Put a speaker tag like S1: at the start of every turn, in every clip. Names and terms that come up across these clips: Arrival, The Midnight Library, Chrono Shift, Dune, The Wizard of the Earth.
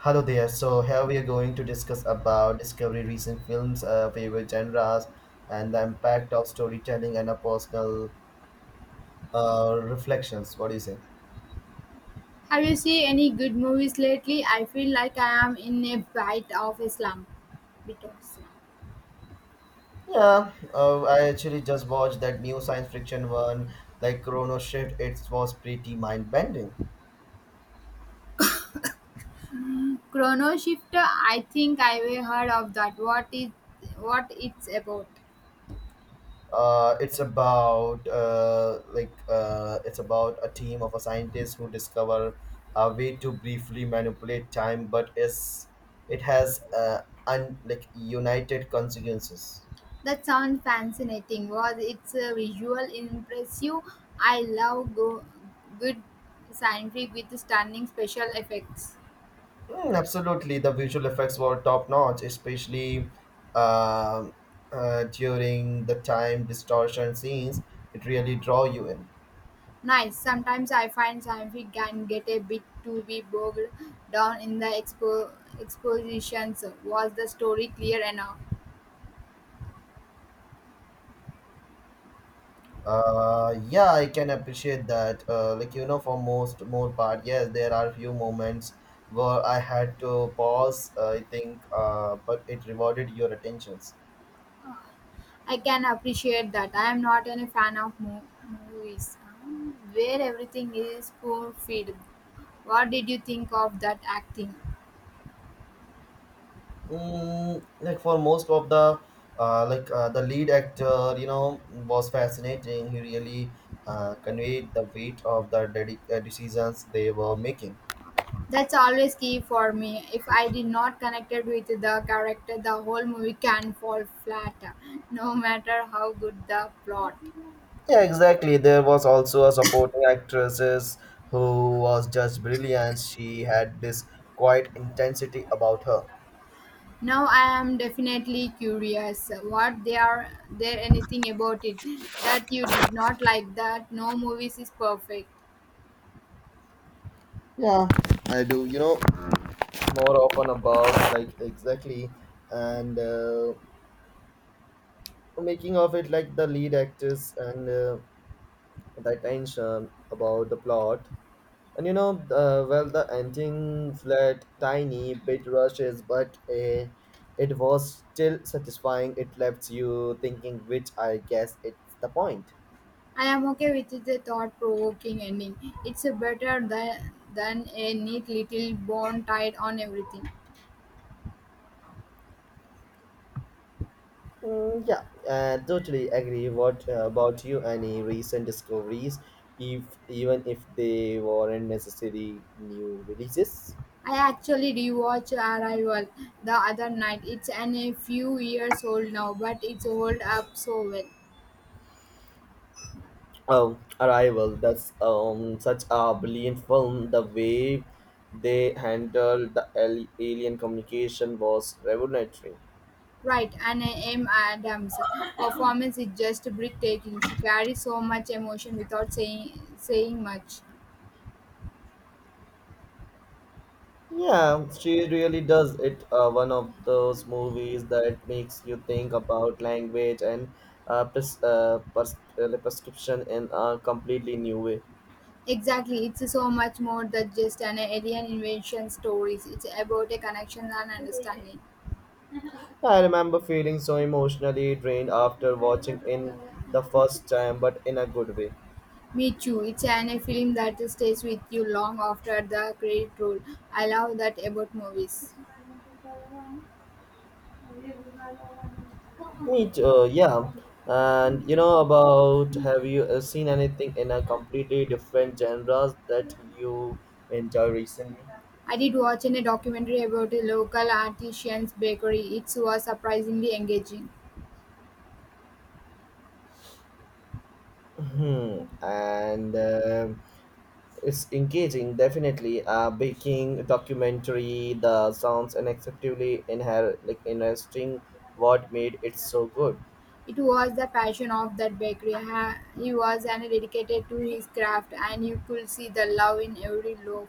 S1: Hello there. So here we are going to discuss about discovery recent films, favorite genres, and the impact of storytelling and our personal reflections. What do you say?
S2: Have you seen any good movies lately? I feel like I am in a bite of a slump. Bit of slump.
S1: Yeah, I actually just watched that new science fiction one, like Chrono Shift. It was pretty mind bending.
S2: Chrono Shifter. I think I've heard of that. What is what it's about?
S1: It's about a team of a scientists who discover a way to briefly manipulate time but is it has like united consequences.
S2: That sounds fascinating. Was it's a visual impressive? I love go, good scientific with stunning special effects.
S1: Mm, absolutely the visual effects were top notch, especially um during the time distortion scenes it really draw you in.
S2: Nice. Sometimes I find scientific can get a bit to be bogged down in the expositions. Was the story clear enough?
S1: Yeah, I can appreciate that. Like you know, for most more part, yes, there are few moments where I had to pause. But it rewarded your attentions.
S2: I can appreciate that. I am not any fan of movies where everything is spoon fed. What did you think of that acting?
S1: Mm, like for most of the, like the lead actor, you know, was fascinating. He really conveyed the weight of the decisions they were making.
S2: That's always key for me. If I did not connected with the character, the whole movie can fall flat, no matter how good the plot.
S1: Yeah, exactly. There was also a supporting actresses who was just brilliant. She had this quiet intensity about her.
S2: Now I am definitely curious. What they are there anything about it that you did not like? That no movies is perfect.
S1: Yeah, I do. You know, more often about like exactly and making of it like the lead actress and the tension about the plot. And you know, well, the ending felt tiny, bit rushes, but it was still satisfying. It left you thinking, which I guess it's the point.
S2: I am okay with the thought provoking ending. It's better than a neat little bone tied on everything.
S1: Mm, yeah, totally agree. What about you? Any recent discoveries, if even if they weren't necessarily new releases?
S2: I actually rewatched Arrival the other night. It's an, a few years old now, but it's hold up so well.
S1: Oh, Arrival. That's such a brilliant film. The way they handled the alien communication was revolutionary.
S2: Right, and M. Adams' performance is just breathtaking. She carries so much emotion without saying much.
S1: Yeah, she really does it. One of those movies that makes you think about language and like prescription in a completely new way.
S2: Exactly, it's so much more than just an alien invasion stories. It's about a connection and understanding.
S1: I remember feeling so emotionally drained after watching in the first time, but in a good way.
S2: Me too. It's an, a film that stays with you long after the credit roll. I love that about movies.
S1: Me too, yeah. And you know about have you seen anything in a completely different genres that you enjoy recently?
S2: I did watch in a documentary about a local artisan's bakery. It was surprisingly engaging.
S1: Hmm. And It's engaging, definitely. Baking documentary, the sounds unacceptably like interesting. What made it so good?
S2: It was the passion of that bakery. He was an dedicated to his craft, and you could see the love in every loaf.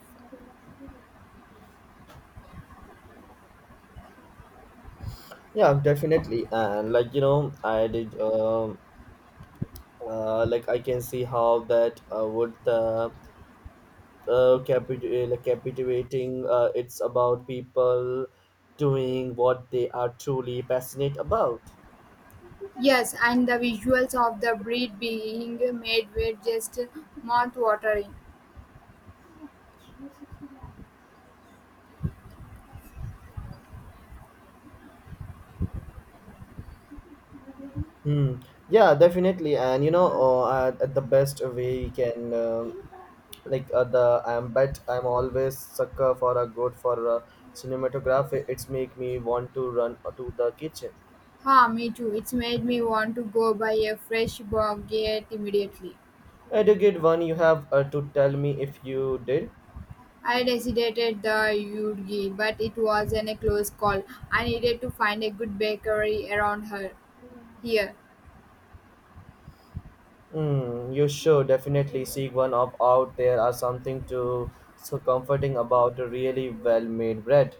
S1: Yeah, definitely. And like you know, I did. Like I can see how that would the like captivating. It's about people doing what they are truly passionate about.
S2: Yes, and the visuals of the bread being made were just mouth-watering.
S1: Hmm. Yeah, definitely. And you know, at the best way we can, like the I'm but I'm always sucker for a good for a cinematography. It's make me want to run to the kitchen.
S2: Ha, me too. It's made me want to go buy a fresh baguette immediately.
S1: I do get one you have to tell me if you did.
S2: I decided the Yudgi, but it was an, a close call. I needed to find a good bakery around here.
S1: Mm, you should definitely seek one of out, there are something to so comforting about a really well made bread.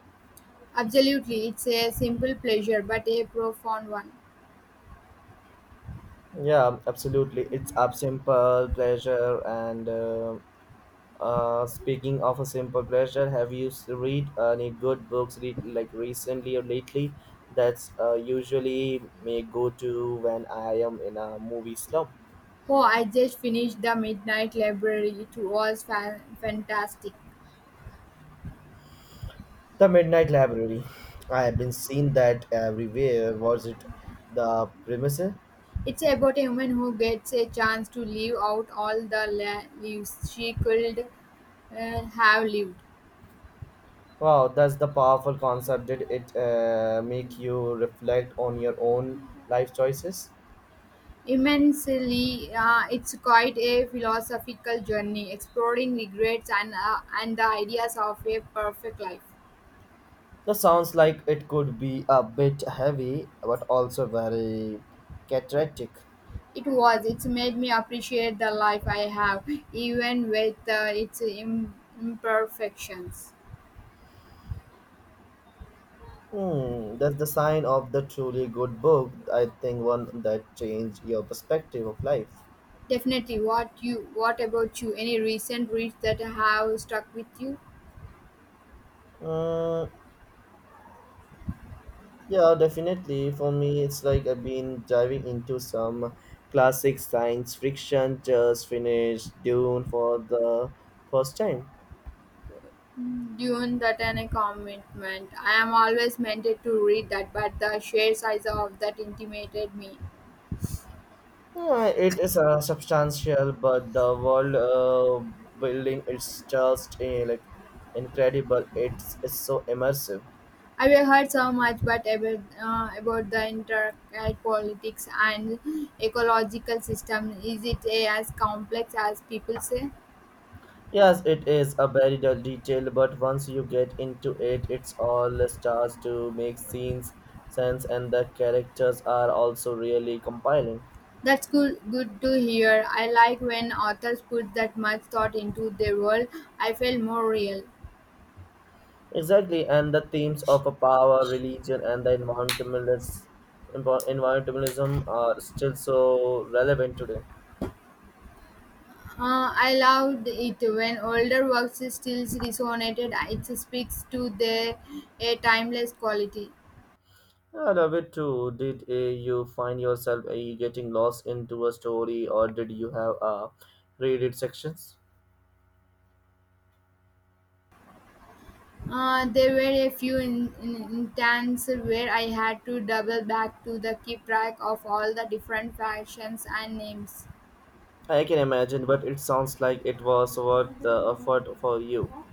S2: Absolutely, it's a simple pleasure, but a profound one.
S1: Yeah, absolutely. It's a simple pleasure and speaking of a simple pleasure, have you read any good books like recently or lately? That's usually my go-to when I am in a movie slump.
S2: Oh, I just finished the Midnight Library. It was fantastic.
S1: The Midnight Library. I have been seeing that everywhere. Was it the premise?
S2: It's about a woman who gets a chance to live out all the leaves she could have lived.
S1: Wow, that's the powerful concept. Did it make you reflect on your own life choices?
S2: Immensely, it's quite a philosophical journey, exploring regrets and the ideas of a perfect life.
S1: That sounds like it could be a bit heavy, but also very cathartic.
S2: It was. It's made me appreciate the life I have, even with its imperfections.
S1: Hmm, that's the sign of the truly good book. I think one that changed your perspective of life.
S2: Definitely. What you? What about you? Any recent reads that have stuck with you?
S1: Mm, yeah, definitely. For me, it's like I've been diving into some classic science fiction. Just finished Dune for the first time.
S2: Dune that and a commitment. I am always meant to read that, but the sheer size of that intimidated me.
S1: Yeah, it is substantial, but the world building is just like incredible. It's so immersive.
S2: I've heard so much, but about the intricate politics and ecological system. Is it a, as complex as people say?
S1: Yes, it is a very detailed, but once you get into it, it's all starts to make scenes sense, and the characters are also really compiling.
S2: That's good, good to hear. I like when authors put that much thought into their world. I feel more real.
S1: Exactly, and the themes of a power, religion, and the environmentalist, environmentalism are still so relevant today.
S2: I loved it when older works still resonated. It speaks to their a timeless quality.
S1: I love it too. Did you find yourself getting lost into a story, or did you have read it sections?
S2: There were a few intents where I had to double back to the keep track of all the different factions and names.
S1: I can imagine, but it sounds like it was worth the effort for you.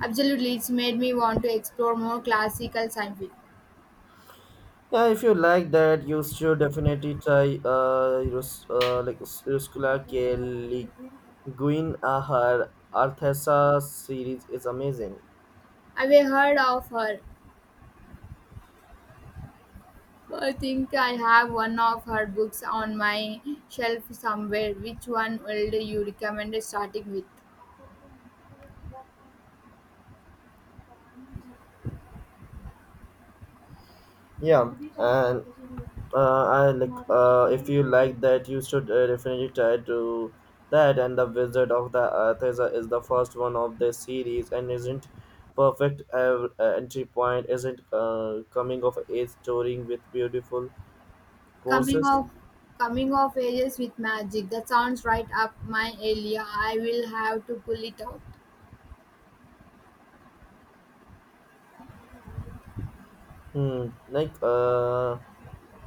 S2: Absolutely, it's made me want to explore more classical science.
S1: Yeah, if you like that, you should definitely try like Ruscula Kelly Guin Ahar Arthesa series is amazing.
S2: I've heard of her. I think I have one of her books on my shelf somewhere. Which one would you recommend starting with?
S1: Yeah, and I like if you like that, you should definitely try to that. And the Wizard of the Earth is the first one of the series and isn't perfect entry point. Isn't coming of age story with beautiful
S2: Coming
S1: poses.
S2: of Coming of Ages with Magic. That sounds right up my alley. I will have to pull it out.
S1: Hmm.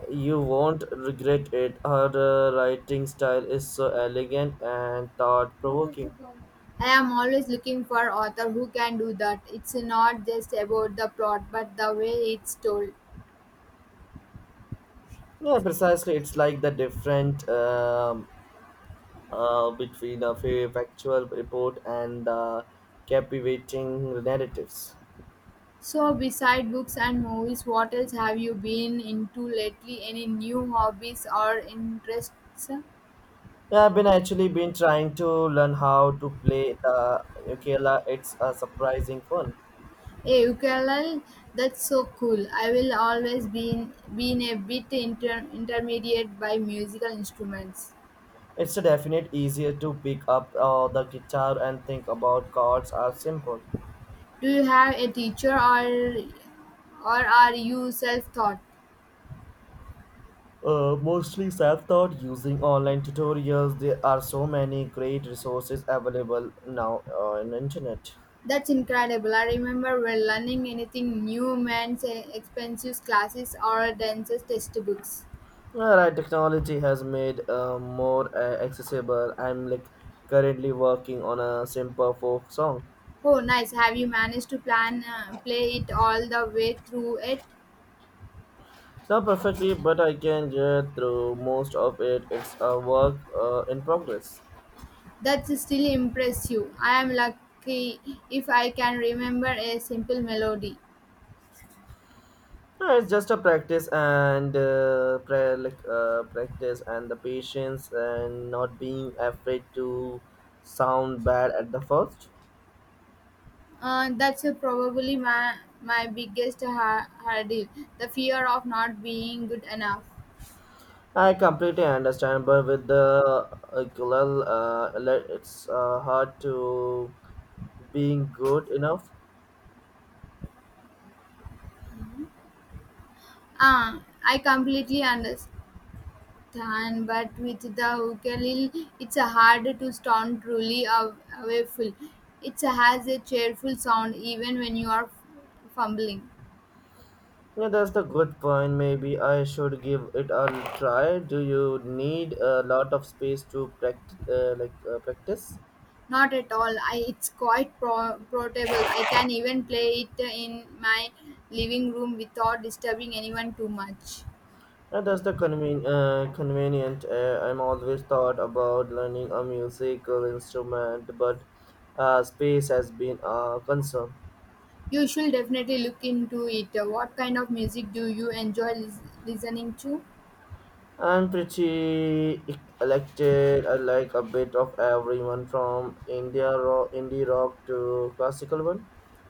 S1: You won't regret it. Her writing style is so elegant and thought provoking.
S2: I'm always looking for author who can do that. It's not just about the plot, but the way it's told.
S1: Yeah, precisely. It's like the different between a factual report and captivating narratives.
S2: So, beside books and movies, what else have you been into lately? Any new hobbies or interests?
S1: Yeah, I've been actually been trying to learn how to play the ukulele. It's a surprising fun.
S2: Hey, ukulele, that's so cool. I will always been a bit intermediate by musical instruments.
S1: It's a definite easier to pick up the guitar and think about chords are simple.
S2: Do you have a teacher or are you self-taught?
S1: Mostly self-taught using online tutorials. There are so many great resources available now on internet.
S2: That's incredible. I remember when learning anything new meant expensive classes or dances textbooks.
S1: Yeah, right, technology has made more accessible. I'm like currently working on a simple folk song.
S2: Oh, nice. Have you managed to plan play it all the way through it?
S1: It's not perfectly, but I can get through most of it. It's a work in progress.
S2: That's still impressive. I am lucky if I can remember a simple melody.
S1: Yeah, it's just a practice and pra- like practice and the patience and not being afraid to sound bad at the first.
S2: That's probably my biggest hurdle, the fear of not being good enough.
S1: I completely understand, but with the ukulele, le- it's hard to being good enough.
S2: Ah, I completely understand. Than, but with the ukulele, it's hard to sound truly awful. It has a cheerful sound even when you are fumbling.
S1: Yeah, that's the good point. Maybe I should give it a try. Do you need a lot of space to practice? Practice?
S2: Not at all. I, it's quite portable. I can even play it in my living room without disturbing anyone too much.
S1: And that's the convenient. I'm always thought about learning a musical instrument, but space has been a concern.
S2: You should definitely look into it. What kind of music do you enjoy listening to?
S1: I'm pretty eclectic. I like a bit of everyone from India rock, indie rock to classical one.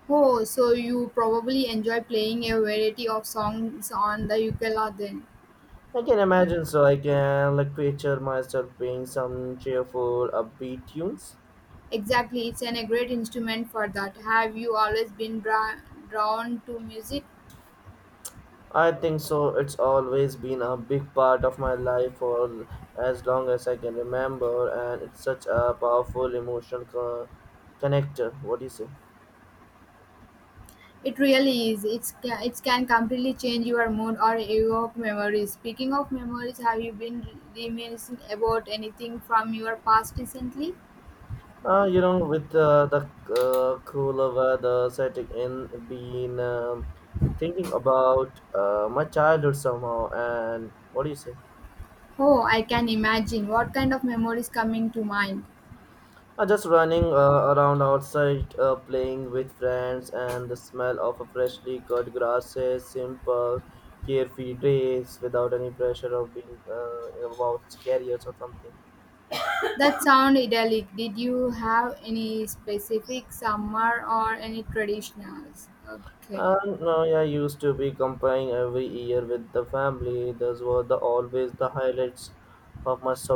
S2: Oh, so you probably enjoy playing a variety of songs on the ukulele then.
S1: I can imagine, so I can like picture myself playing some cheerful, upbeat tunes.
S2: Exactly, it's an, a great instrument for that. Have you always been drawn to music?
S1: I think so. It's always been a big part of my life for as long as I can remember, and it's such a powerful emotional connector. What do you say?
S2: It really is. It can completely change your mood or evoke memories. Speaking of memories, have you been reminiscing about anything from your past recently?
S1: You know, with the cooler weather setting in, been thinking about my childhood somehow. And what do you say?
S2: Oh, I can imagine. What kind of memories coming to mind?
S1: Just running around outside, playing with friends, and the smell of a freshly cut grasses, simple, carefree days without any pressure of being about careers or something.
S2: That sound idyllic. Did you have any specific summer or any traditionals? Okay.
S1: And no, yeah, I used to be comparing every year with the family. Those were the always the highlights of my summer